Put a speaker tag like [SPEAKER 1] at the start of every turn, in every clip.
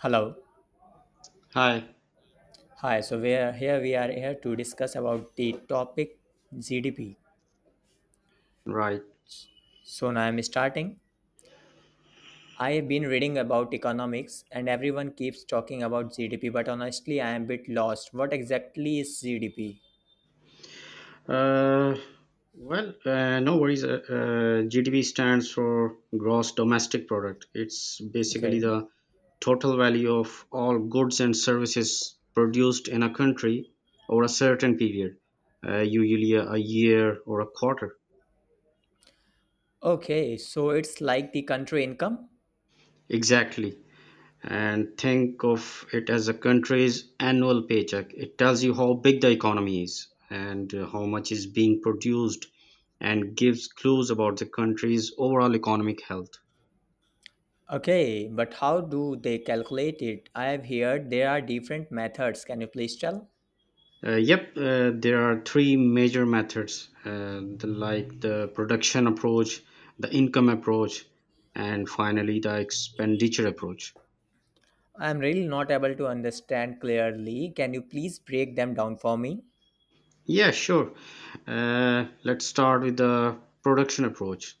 [SPEAKER 1] Hello.
[SPEAKER 2] Hi,
[SPEAKER 1] Hi. So we are here to discuss about the topic GDP.
[SPEAKER 2] right.
[SPEAKER 1] So now I'm starting. I have been reading about economics, and everyone keeps talking about GDP, but honestly, I am a bit lost. What exactly is GDP?
[SPEAKER 2] Uh, well, no worries. GDP stands for gross domestic product. It's basically
[SPEAKER 1] Okay.
[SPEAKER 2] the total value of all goods and services produced in a country over a certain period, usually a year or a quarter.
[SPEAKER 1] Okay. So it's like the country income.
[SPEAKER 2] Exactly. And think of it as a country's annual paycheck. It tells you how big the economy is, and how much is being produced, and gives clues about the country's overall economic health.
[SPEAKER 1] Okay, but how do they calculate it? I have heard there are different methods. Can you please tell?
[SPEAKER 2] Yep, there are three major methods, the, like the production approach, the income approach, and finally the expenditure approach.
[SPEAKER 1] I am really not able to understand clearly. Can you please break them down for me?
[SPEAKER 2] Yeah, sure. Let's start with the production approach.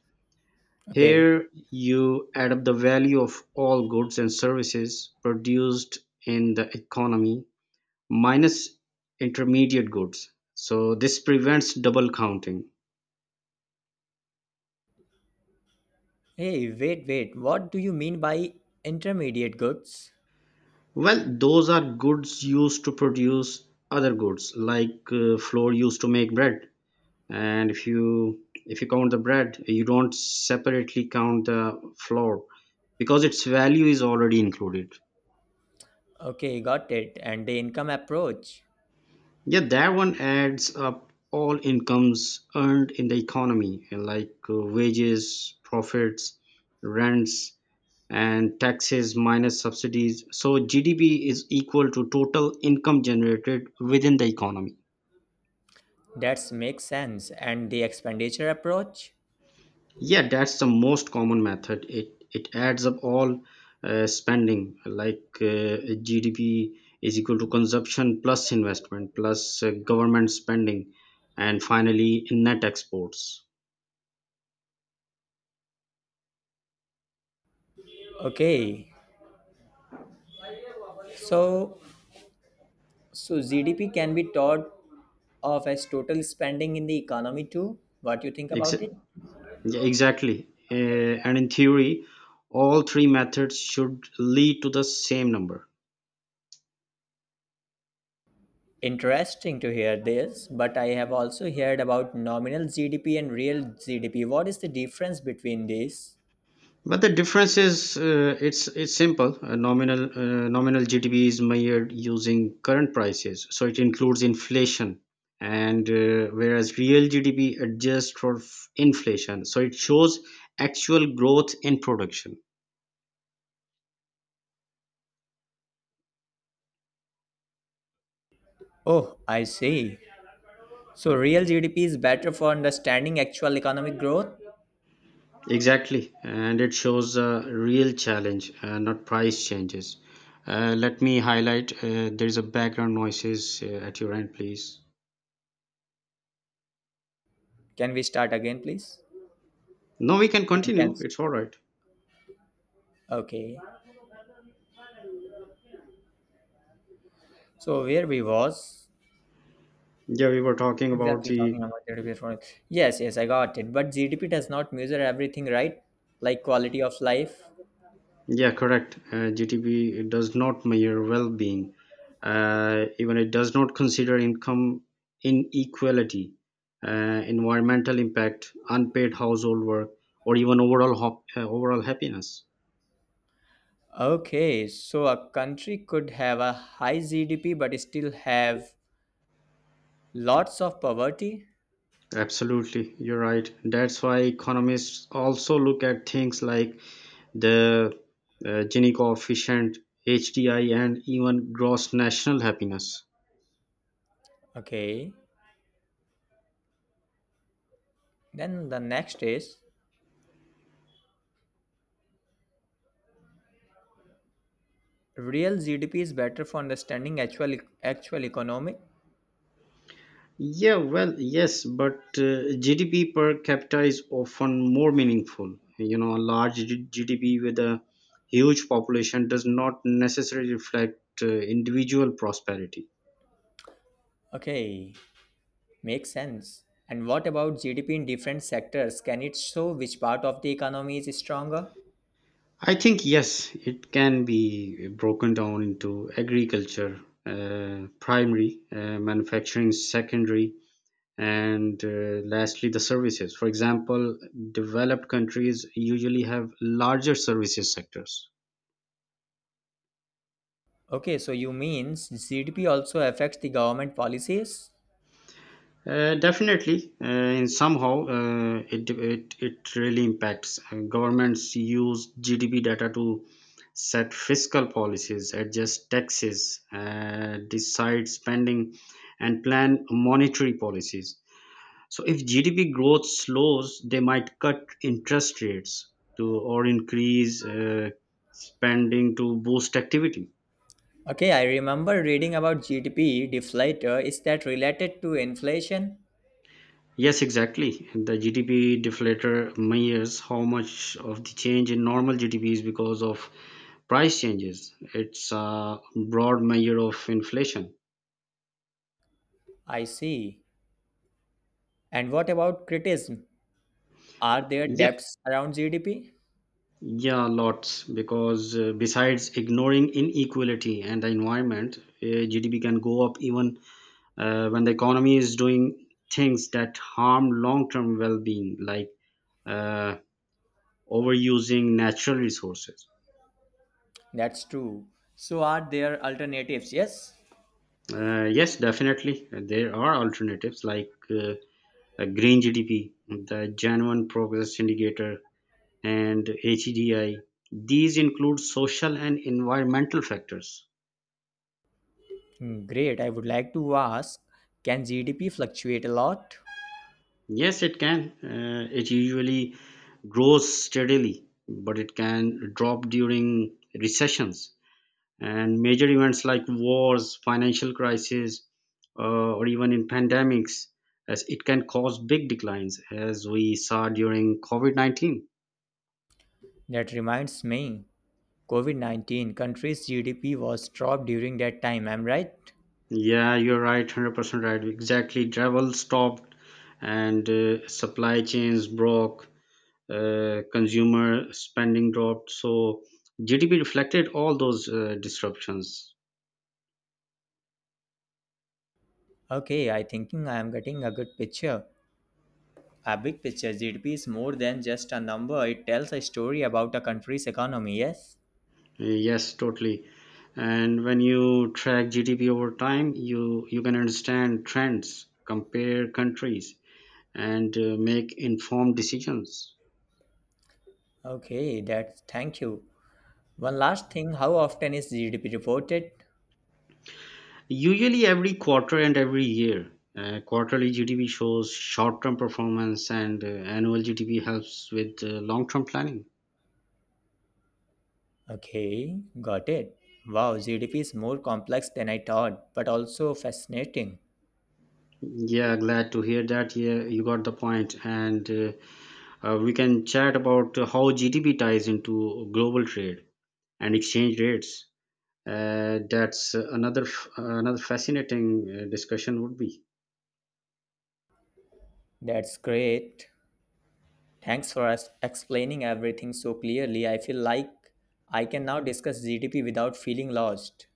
[SPEAKER 1] Okay.
[SPEAKER 2] Here you add up the value of all goods and services produced in the economy minus intermediate goods. So this prevents double counting.
[SPEAKER 1] Hey, wait, wait. What do you mean by intermediate goods?
[SPEAKER 2] Well, those are goods used to produce other goods, like flour used to make bread. And if you count the bread, you don't separately count the flour because its value is already included.
[SPEAKER 1] Okay, got it. And the income approach.
[SPEAKER 2] Yeah, that one adds up all incomes earned in the economy, like wages, profits, rents, and taxes minus subsidies. So GDP is equal to total income generated within the economy.
[SPEAKER 1] That makes sense. And the expenditure approach?
[SPEAKER 2] Yeah, that's the most common method. It adds up all spending, like GDP is equal to consumption plus investment plus government spending, and finally net exports.
[SPEAKER 1] Okay. So, so GDP can be thought of as total spending in the economy too. What do you think
[SPEAKER 2] Ex-
[SPEAKER 1] about it?
[SPEAKER 2] Yeah, exactly. And in theory, all three methods should lead to the same number.
[SPEAKER 1] Interesting to hear this, but I have also heard about nominal GDP and real GDP. What is the difference between these?
[SPEAKER 2] But the difference is it's simple. Nominal GDP is measured using current prices, so it includes inflation, and whereas real GDP adjusts for inflation, so it shows actual growth in production.
[SPEAKER 1] Oh, I see. So, real GDP is better for understanding actual economic growth.
[SPEAKER 2] Exactly, and it shows a real challenge, not price changes. Let me highlight. There is a background noises at your end, please.
[SPEAKER 1] Can we start again, please?
[SPEAKER 2] No, we can
[SPEAKER 1] We can
[SPEAKER 2] continue.
[SPEAKER 1] cancel.
[SPEAKER 2] It's all right.
[SPEAKER 1] Okay. So, where we was
[SPEAKER 2] Yeah, we were talking about
[SPEAKER 1] exactly
[SPEAKER 2] the
[SPEAKER 1] talking about GDP for. Yes, yes, I got it. But GDP does not measure everything, right? Like quality of life.
[SPEAKER 2] yeah, correct. GTP it does not measure well-being. Even it does not consider income inequality, environmental impact, unpaid household work, or even overall overall happiness.
[SPEAKER 1] Okay, so a country could have a high GDP but still have lots of poverty.
[SPEAKER 2] Absolutely, you're right. That's why economists also look at things like the Gini coefficient, HDI, and even gross national happiness.
[SPEAKER 1] Okay. Then the next is real GDP is better for understanding actual economic.
[SPEAKER 2] Yeah, well, yes, but GDP per capita is often more meaningful. You know, a large GDP with a huge population does not necessarily reflect individual prosperity.
[SPEAKER 1] Okay. Makes sense. And what about GDP in different sectors? Can it show which part of the economy is stronger?
[SPEAKER 2] I think yes, it can be broken down into agriculture, primary, manufacturing, secondary, and lastly the services. For example, developed countries usually have larger services sectors.
[SPEAKER 1] Okay, so you means GDP also affects the government policies?
[SPEAKER 2] Definitely, in somehow it really impacts. Governments use GDP data to set fiscal policies, adjust taxes, decide spending, and plan monetary policies. So, if GDP growth slows, they might cut interest rates to or increase spending to boost activity.
[SPEAKER 1] Okay, I remember reading about GDP deflator. Is that related to inflation?
[SPEAKER 2] Yes, exactly. The GDP deflator measures how much of the change in normal GDP is because of price changes. It's a broad measure of inflation.
[SPEAKER 1] I see. And what about criticism? Are there
[SPEAKER 2] Yeah,
[SPEAKER 1] debts around GDP?
[SPEAKER 2] yeah, lots. Because besides ignoring inequality and the environment, GDP can go up even when the economy is doing things that harm long-term well-being, like uh, overusing natural resources.
[SPEAKER 1] That's true. So are there alternatives? Yes?
[SPEAKER 2] Yes, definitely. There are alternatives like Green GDP, the Genuine Progress Indicator, and HEDI. These include social and environmental factors.
[SPEAKER 1] Hmm, great. I would like to ask, can GDP fluctuate a lot?
[SPEAKER 2] Yes, it can. It usually grows steadily, but it can drop during recessions, and major events like wars, financial crisis, or even in pandemics, as it can cause big declines as we saw during covid-19.
[SPEAKER 1] That reminds me. COVID-19 country's GDP was dropped during that time, am right?
[SPEAKER 2] Yeah, you're right, 100% right. Exactly, travel stopped, and supply chains broke, consumer spending dropped, so gdp reflected all those disruptions.
[SPEAKER 1] Okay, I thinking I am getting a good picture. A big picture GDP is more than just a number. It tells a story about a country's economy, yes?
[SPEAKER 2] Yes, totally. And when you track GDP over time, you can understand trends, compare countries, and make informed decisions.
[SPEAKER 1] Okay, that's thank you. One last thing, how often is GDP reported?
[SPEAKER 2] Usually, every quarter and every year, quarterly GDP shows short-term performance, and annual GDP helps with long-term planning.
[SPEAKER 1] Okay, got it. Wow, GDP is more complex than I thought, but also fascinating.
[SPEAKER 2] Yeah, glad to hear that. Yeah, you got the point. And We can chat about how GDP ties into global trade and exchange rates. That's Another another fascinating discussion would be.
[SPEAKER 1] That's great. Thanks for us explaining everything so clearly. I feel like I can now discuss GDP without feeling lost.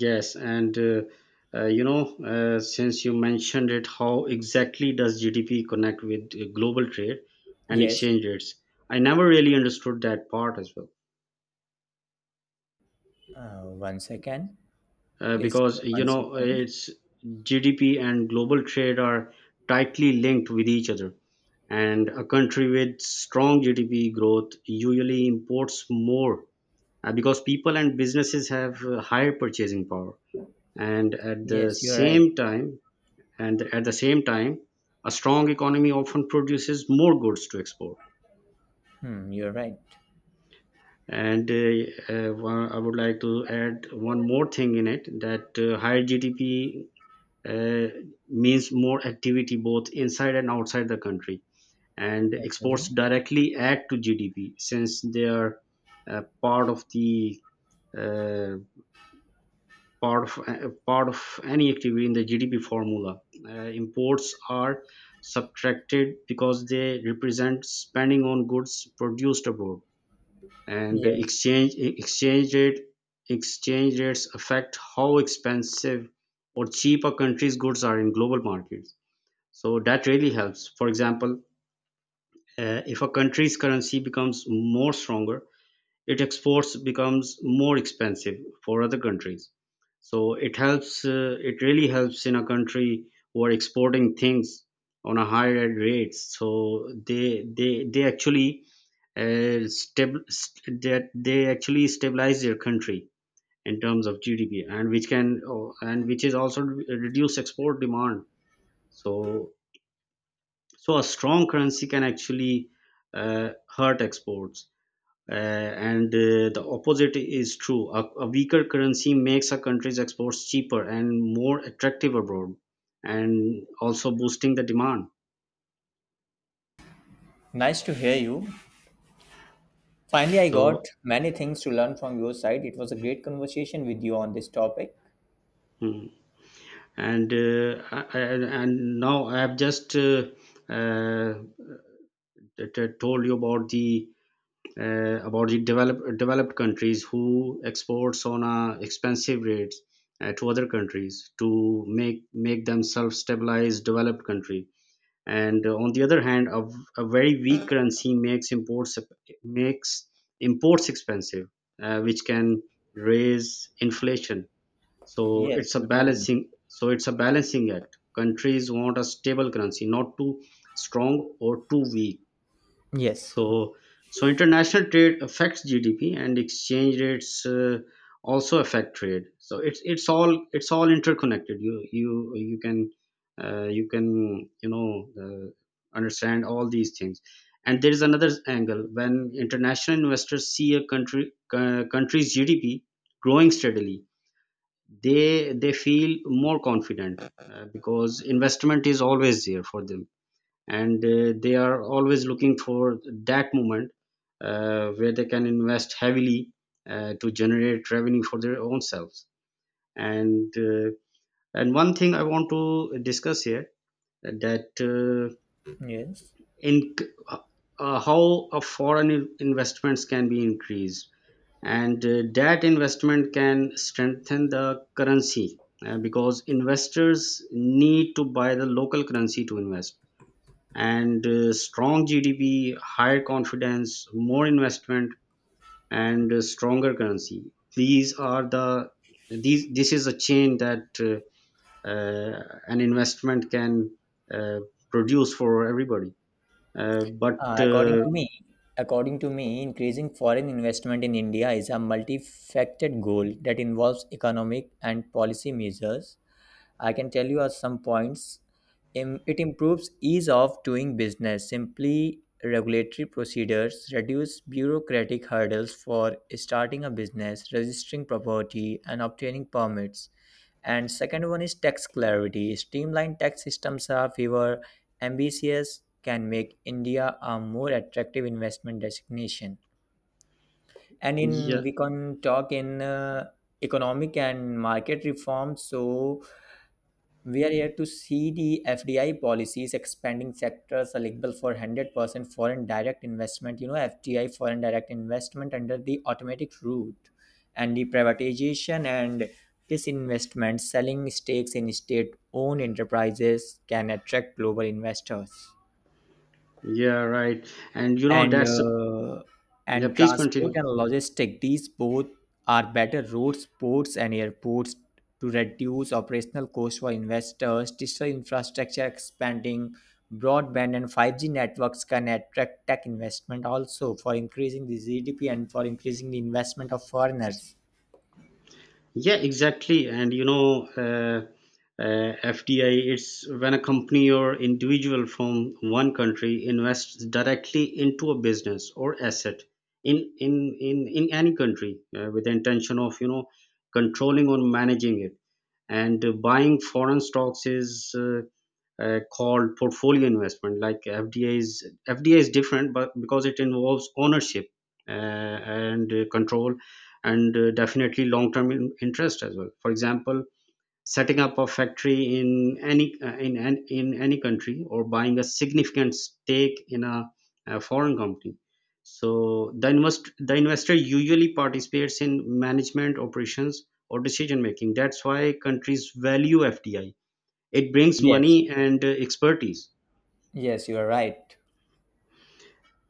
[SPEAKER 2] Yes, and you know, since you mentioned it, how exactly does GDP connect with global trade and
[SPEAKER 1] Yes.
[SPEAKER 2] exchange rates? I never really understood that part as well,
[SPEAKER 1] One second. Please give me
[SPEAKER 2] because you
[SPEAKER 1] one
[SPEAKER 2] know,
[SPEAKER 1] second.
[SPEAKER 2] it's GDP and global trade are tightly linked with each other. And a country with strong GDP growth usually imports more because people and businesses have higher purchasing power, and at the
[SPEAKER 1] Yes, you're right.
[SPEAKER 2] same time and at the same time a strong economy often produces more goods to export.
[SPEAKER 1] Hmm, you're right.
[SPEAKER 2] and uh, I would like to add one more thing in it, that higher gdp uh, means more activity both inside and outside the country, and exports
[SPEAKER 1] Okay.
[SPEAKER 2] directly add to gdp since they are uh, part of the uh, part of any activity in the GDP formula. Imports are subtracted because they represent spending on goods produced abroad, and the
[SPEAKER 1] Yes.
[SPEAKER 2] exchange rates affect how expensive or cheap a country's goods are in global markets. So that really helps. For example, if a country's currency becomes more stronger, its exports becomes more expensive for other countries, so it helps it really helps in a country who are exporting things on a higher rates, so they actually that they actually stabilize their country in terms of GDP, and which can oh, and which is also reduce export demand. So so a strong currency can actually uh, hurt exports, and the opposite is true. A weaker currency makes a country's exports cheaper and more attractive abroad, and also boosting the demand.
[SPEAKER 1] Nice to hear you. Finally, I got
[SPEAKER 2] So,
[SPEAKER 1] many things to learn from your side. It was a great conversation with you on this topic.
[SPEAKER 2] hmm. And now I have just uh, told you about the about the developed countries who exports on a expensive rates to other countries to make themselves stabilized developed country. And on the other hand, a very weak currency makes imports expensive, which can raise inflation. so
[SPEAKER 1] Yes,
[SPEAKER 2] it's a
[SPEAKER 1] you told me.
[SPEAKER 2] balancing so it's a balancing act. Countries want a stable currency, not too strong or too weak.
[SPEAKER 1] Yes.
[SPEAKER 2] So, so international trade affects GDP, and exchange rates also affect trade. So it's all interconnected. You can you can you know understand all these things. And there is another angle: when international investors see a country country's GDP growing steadily, they feel more confident because investment is always there for them, and they are always looking for that moment where they can invest heavily to generate revenue for their own selves, and and one thing I want to discuss here, that
[SPEAKER 1] Yes.
[SPEAKER 2] in how a foreign investments can be increased, and that investment can strengthen the currency because investors need to buy the local currency to invest. And strong GDP, higher confidence, more investment, and stronger currency. These are the these. This is a chain that an investment can uh, produce for everybody. But
[SPEAKER 1] Uh, according to me, according to me, increasing foreign investment in India is a multifaceted goal that involves economic and policy measures. I can tell you are some points. It improves ease of doing business, simply regulatory procedures, reduce bureaucratic hurdles for starting a business, registering property, and obtaining permits. And second one is tax clarity. Streamlined tax systems are fewer ambitious can make India a more attractive investment destination. And in
[SPEAKER 2] Yeah,
[SPEAKER 1] we can talk in economic and market reforms. So we are here to see the FDI policies expanding sectors eligible for 100% foreign direct investment, you know, FDI foreign direct investment under the automatic route and the privatization and disinvestment, selling stakes in state owned enterprises can attract global investors
[SPEAKER 2] yeah, right. And you know,
[SPEAKER 1] and
[SPEAKER 2] that's a
[SPEAKER 1] uh,
[SPEAKER 2] yeah.
[SPEAKER 1] and
[SPEAKER 2] Please
[SPEAKER 1] transport
[SPEAKER 2] continue.
[SPEAKER 1] and logistic these both are better roads ports and airports to reduce operational costs for investors digital infrastructure expanding broadband and 5G networks can attract tech investment also for increasing the GDP and for increasing the investment of foreigners.
[SPEAKER 2] Yeah, exactly. And you know, FDI, it's when a company or individual from one country invests directly into a business or asset in any country with the intention of you know controlling or managing it. And buying foreign stocks is called portfolio investment. Like FDI is different, but because it involves ownership and control, and definitely long term interest as well. For example, setting up a factory in any in any country, or buying a significant stake in a foreign company. So the investor usually participates in management operations or decision making. That's why countries value fdi. It brings
[SPEAKER 1] Yes,
[SPEAKER 2] money and expertise,
[SPEAKER 1] yes, you are right.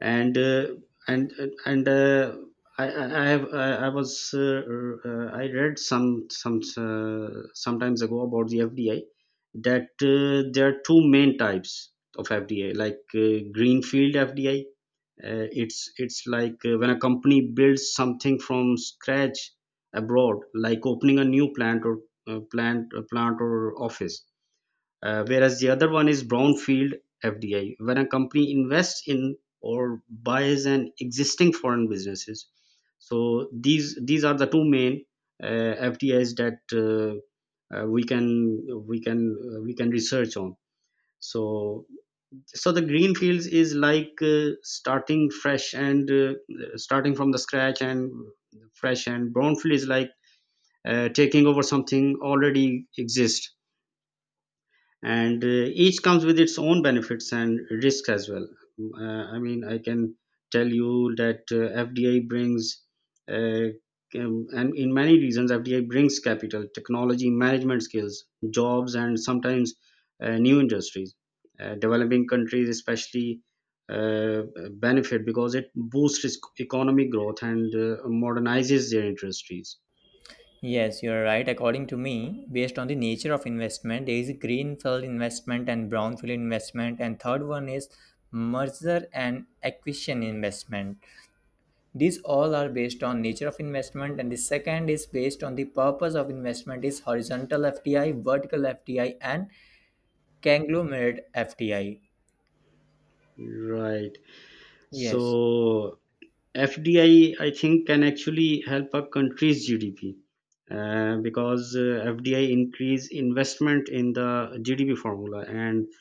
[SPEAKER 2] and uh, and and I have I was I read some sometimes ago about the FDI, that there are two main types of FDI, like greenfield FDI, it's like when a company builds something from scratch abroad, like opening a new plant or plant or office, whereas the other one is brownfield FDI, when a company invests in or buys an existing foreign businesses. So these are the two main FDIs that we can research on. So so the green fields is like starting fresh and starting from the scratch and fresh, and brownfield is like taking over something already exists, and each comes with its own benefits and risks as well. I mean, I can tell you that FDI brings, uh, and in many reasons, FDI brings capital, technology, management skills, jobs, and sometimes new industries. Developing countries, especially, uh, benefit because it boosts its economic growth and modernizes their industries.
[SPEAKER 1] Yes, you're right. According to me, based on the nature of investment, there is a greenfield investment and brownfield investment, and third one is merger and acquisition investment. These all are based on nature of investment, and the second is based on the purpose of investment is horizontal FDI, vertical FDI, and conglomerate FDI.
[SPEAKER 2] Right.
[SPEAKER 1] Yes.
[SPEAKER 2] So FDI, I think, can actually help a country's GDP because FDI increase investment in the GDP formula and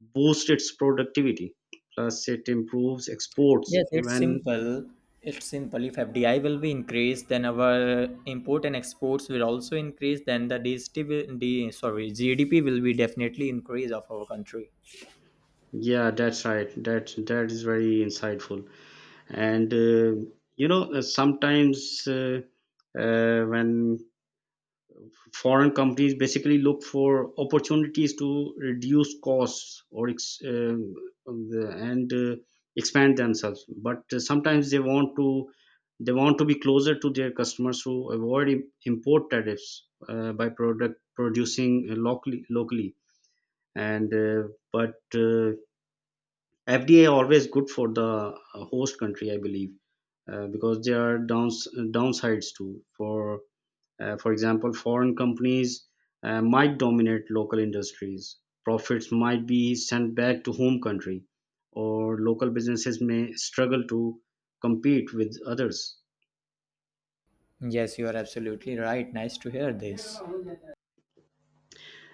[SPEAKER 2] boost its productivity. Plus, it improves exports.
[SPEAKER 1] Yes, it's
[SPEAKER 2] When
[SPEAKER 1] simple. It's simple. If FDI will be increased, then our import and exports will also increase. Then the DST will, D, sorry, GDP will be definitely increase of our country.
[SPEAKER 2] Yeah, that's right. That is very insightful. And sometimes when foreign companies basically look for opportunities to reduce costs or ex- the- and expand themselves, but sometimes they want to be closer to their customers to avoid import tariffs by product producing locally. And but FDA always good for the host country, I believe, because there are downsides too. For for example, foreign companies might dominate local industries. Profits might be sent back to home country, or local businesses may struggle to compete with others.
[SPEAKER 1] Yes, you are absolutely right. Nice to hear this.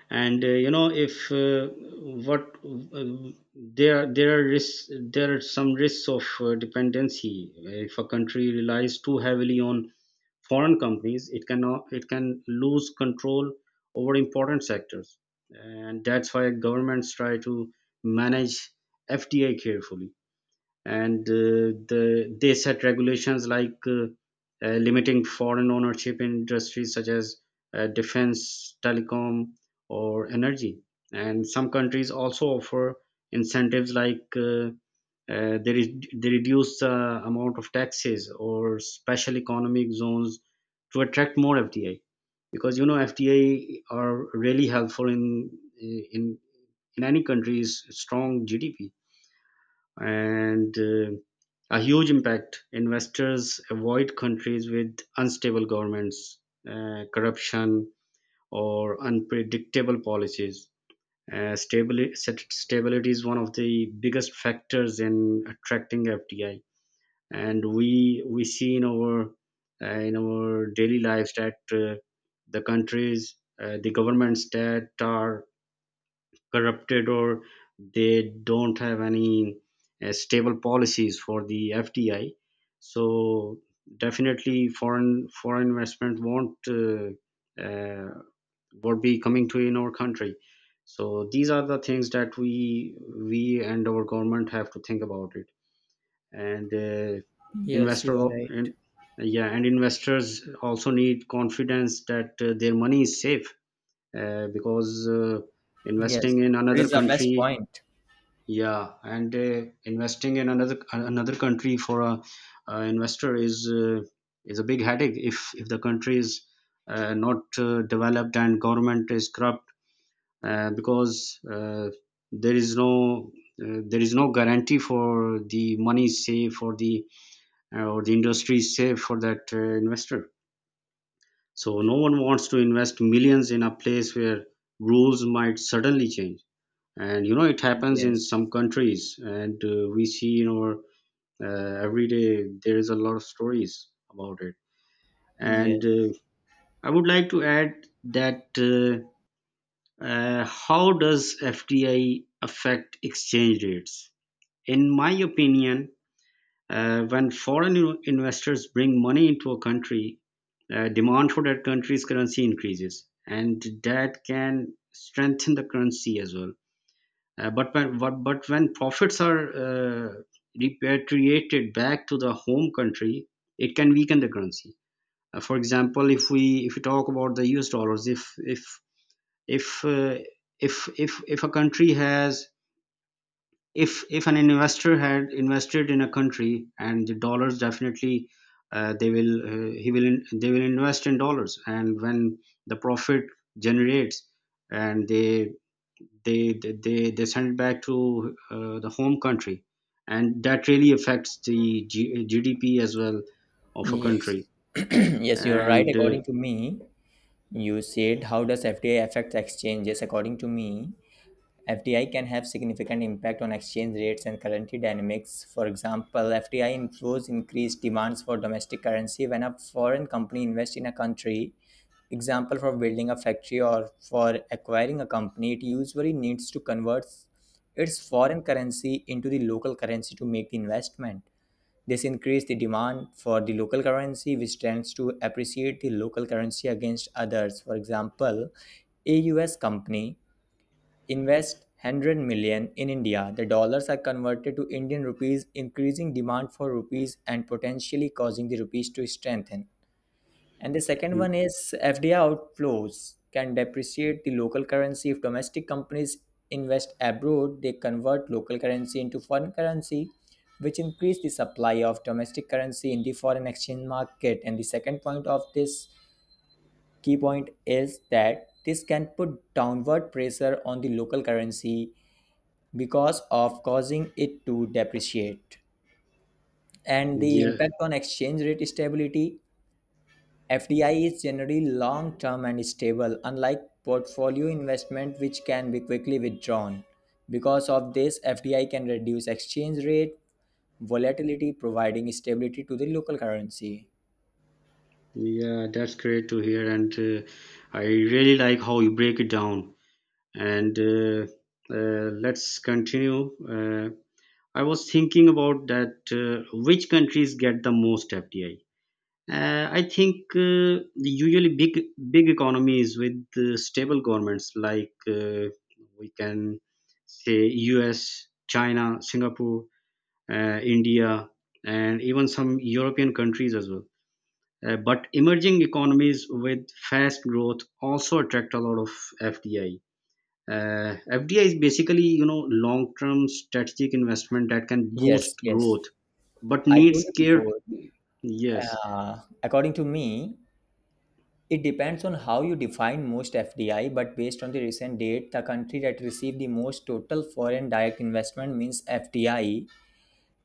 [SPEAKER 2] And you know if what there there are risks there are some risks of dependency. If a country relies too heavily on foreign companies, it can lose control over important sectors. And that's why governments try to manage FTA carefully. And they set regulations like limiting foreign ownership in industries such as defense, telecom, or energy. And some countries also offer incentives like they reduce the amount of taxes or special economic zones to attract more FDI, because FDI are really helpful in in any country's strong GDP and a huge impact. Investors avoid countries with unstable governments, corruption, or unpredictable policies. Stability is one of the biggest factors in attracting FDI, and we see in our daily lives that the countries, the governments that are corrupted or they don't have any stable policies for the FDI. So definitely foreign investment won't be coming to in our country. So these are the things that we and our government have to think about it. And
[SPEAKER 1] Yes, you are
[SPEAKER 2] investor,
[SPEAKER 1] right.
[SPEAKER 2] in, yeah, and investors also need confidence that their money is safe, because
[SPEAKER 1] Yes,
[SPEAKER 2] investing in
[SPEAKER 1] it
[SPEAKER 2] another
[SPEAKER 1] is the best
[SPEAKER 2] country.
[SPEAKER 1] point.
[SPEAKER 2] Yeah, and investing in another country for a investor is a big headache if the country is not developed and government is corrupt, because there is no there is no guarantee for the money safe for the or the industry safe for that investor. So no one wants to invest millions in a place where rules might suddenly change. And you know it happens in
[SPEAKER 1] Yes,
[SPEAKER 2] some countries, and we see in our every day there is a lot of stories about it. And
[SPEAKER 1] yes,
[SPEAKER 2] I would like to add that how does FDI affect exchange rates. In my opinion, when foreign investors bring money into a country, demand for that country's currency increases and that can strengthen the currency as well. But when profits are repatriated back to the home country, it can weaken the currency. For example, if we talk about the U.S. dollars, if uh, if a country has if an investor had invested in a country and the dollars, definitely they will invest in dollars. And when the profit generates, and they send it back to the home country, and that really affects the GDP as well of a
[SPEAKER 1] yes,
[SPEAKER 2] country.
[SPEAKER 1] yes. You are right.
[SPEAKER 2] And
[SPEAKER 1] According to me, you said how does FDI affect exchanges? According to me, FDI can have significant impact on exchange rates and currency dynamics. For example, FDI inflows increase demands for domestic currency when a foreign company invests in a country. Example for building a factory or for acquiring a company, it usually needs to convert its foreign currency into the local currency to make the investment. This increases the demand for the local currency, which tends to appreciate the local currency against others. For example, a US company invest 100 million in India, the dollars are converted to Indian rupees, increasing demand for rupees and potentially causing the rupees to strengthen. And the second one is FDI outflows can depreciate the local currency if domestic companies invest abroad, they convert local currency into foreign currency, which increase the supply of domestic currency in the foreign exchange market. And the second point of this key point is that this can put downward pressure on the local currency because of causing it to depreciate. And the
[SPEAKER 2] yeah
[SPEAKER 1] impact on exchange rate stability FDI is generally long term and stable, unlike portfolio investment, which can be quickly withdrawn. Because of this, FDI can reduce exchange rate volatility, providing stability to the local currency.
[SPEAKER 2] yeah that's great to hear. And I really like how you break it down. And let's continue. uh, I was thinking about that which countries get the most FDI. I think the usually big economies with stable governments, like, we can say U.S., China, Singapore, India, and even some European countries as well. But emerging economies with fast growth also attract a lot of FDI. FDI is basically long term strategic investment that can boost
[SPEAKER 1] Yes, yes.
[SPEAKER 2] growth, but
[SPEAKER 1] I told
[SPEAKER 2] needs
[SPEAKER 1] you
[SPEAKER 2] care.
[SPEAKER 1] before,
[SPEAKER 2] Yes,
[SPEAKER 1] according to me, it depends on how you define most FDI, but based on the recent date, the country that received the most total foreign direct investment means FDI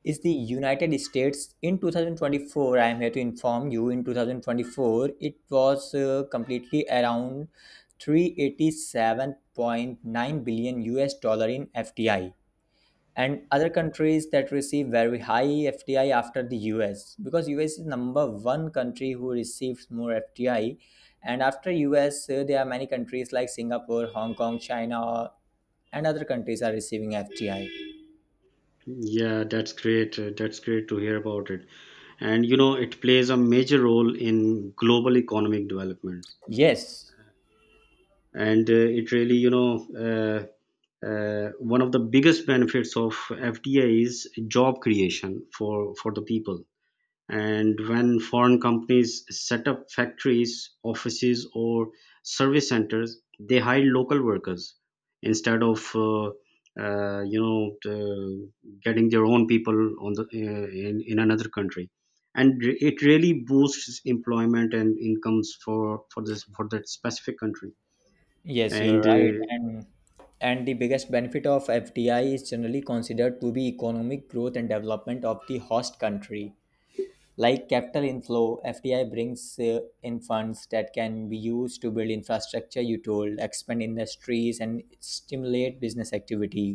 [SPEAKER 1] is the United States in 2024. I am here to inform you in 2024 it was completely around 387.9 billion US dollar in FDI and other countries that receive very high FDI after the US because US is number one country who receives more FDI and after US there are many countries like Singapore, Hong Kong, China and other countries are receiving FDI.
[SPEAKER 2] yeah, that's great. That's great to hear about it. And you know, it plays a major role in global economic developments.
[SPEAKER 1] Yes.
[SPEAKER 2] And it really, you know, one of the biggest benefits of FDI is job creation for the people. And when foreign companies set up factories, offices, or service centers, they hire local workers instead of uh, you know the- getting their own people on the in another country, and it really boosts employment and incomes for that specific country.
[SPEAKER 1] Yes, you're
[SPEAKER 2] And
[SPEAKER 1] right, and the biggest benefit of FDI is generally considered to be economic growth and development of the host country. Like capital inflow, FDI brings in funds that can be used to build infrastructure, you told, expand industries, and stimulate business activity.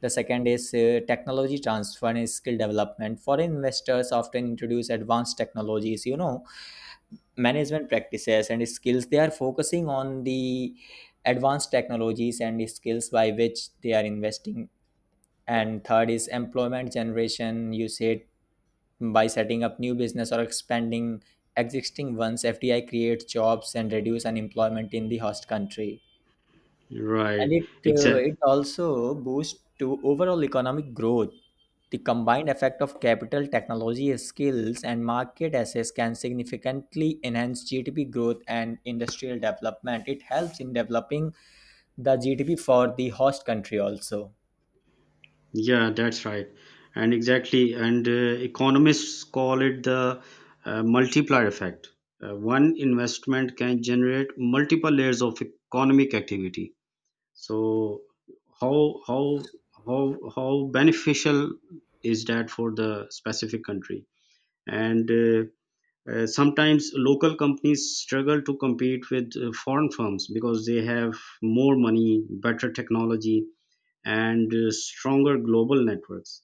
[SPEAKER 1] The second is technology transfer and skill development. Foreign investors often introduce advanced technologies, you know, management practices and skills. They are focusing on the advanced technologies and skills by which they are investing. And third is employment generation. You said by setting up new business or expanding existing ones, FDI creates jobs and reduce unemployment in the host country. And
[SPEAKER 2] right,
[SPEAKER 1] it uh,
[SPEAKER 2] exactly.
[SPEAKER 1] it also boosts to overall economic growth. The combined effect of capital, technology, skills, and market access can significantly enhance GDP growth and industrial development. It helps in developing the GDP for the host country also.
[SPEAKER 2] Yeah, that's right. And exactly, and economists call it the multiplier effect. One investment can generate multiple layers of economic activity. So how how how beneficial is that for the specific country? And sometimes local companies struggle to compete with foreign firms, because they have more money, better technology, and stronger global networks.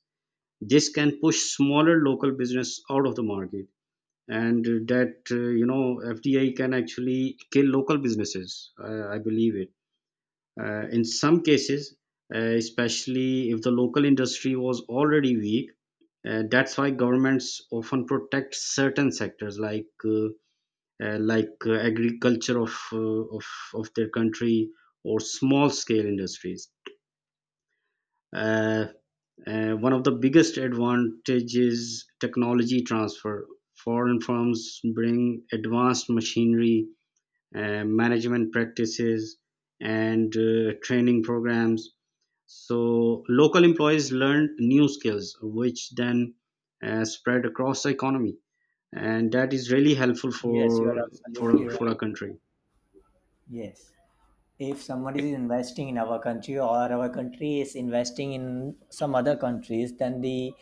[SPEAKER 2] This can push smaller local business out of the market. And that you know, fdi can actually kill local businesses, I believe it, in some cases, especially if the local industry was already weak. That's why governments often protect certain sectors, like agriculture of their country, or small scale industries. Uh, One of the biggest advantages is technology transfer. Foreign firms bring advanced machinery, management practices, and training programs. So local employees learn new skills, which then spread across the economy, and that is really helpful for
[SPEAKER 1] Yes, you are
[SPEAKER 2] for
[SPEAKER 1] absolutely
[SPEAKER 2] for a
[SPEAKER 1] right.
[SPEAKER 2] country.
[SPEAKER 1] Yes. If somebody is investing in our country or our country is investing in some other countries then the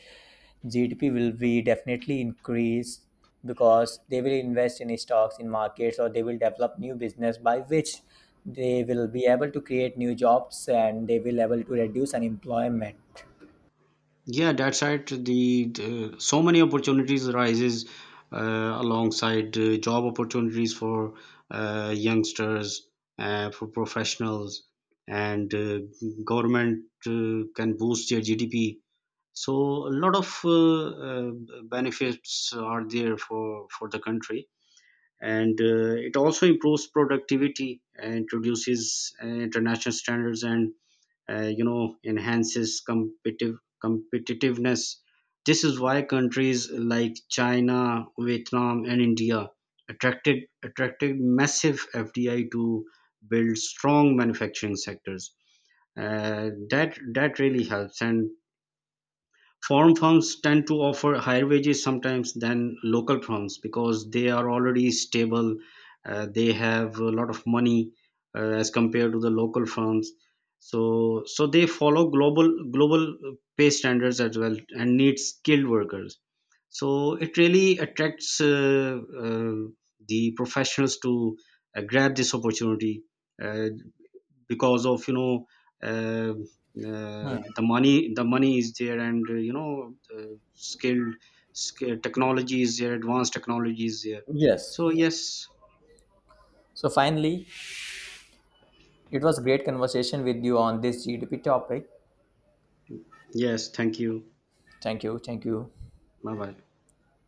[SPEAKER 1] GDP will be definitely increased because they will invest in stocks in markets or they will develop new business by which they will be able to create new jobs and they will able to reduce unemployment.
[SPEAKER 2] Yeah, that's right. The So many opportunities arises alongside job opportunities for youngsters, for professionals, and government can boost their GDP. So a lot of benefits are there for the country, and it also improves productivity and introduces international standards, and you know enhances competitiveness. This is why countries like china, vietnam, and india attracted massive FDI to build strong manufacturing sectors. That really helps. And foreign firms tend to offer higher wages sometimes than local firms because they are already stable. They have a lot of money as compared to the local firms. So they follow global pay standards as well and need skilled workers. So it really attracts the professionals to grab this opportunity. Uh, because of uh,
[SPEAKER 1] Hmm.
[SPEAKER 2] the money is there. And skilled technology is there, advanced technology is there.
[SPEAKER 1] Yes,
[SPEAKER 2] So yes,
[SPEAKER 1] so finally it was great conversation with you on this GDP topic.
[SPEAKER 2] yes, thank you.
[SPEAKER 1] Thank you. Thank you.
[SPEAKER 2] Bye bye.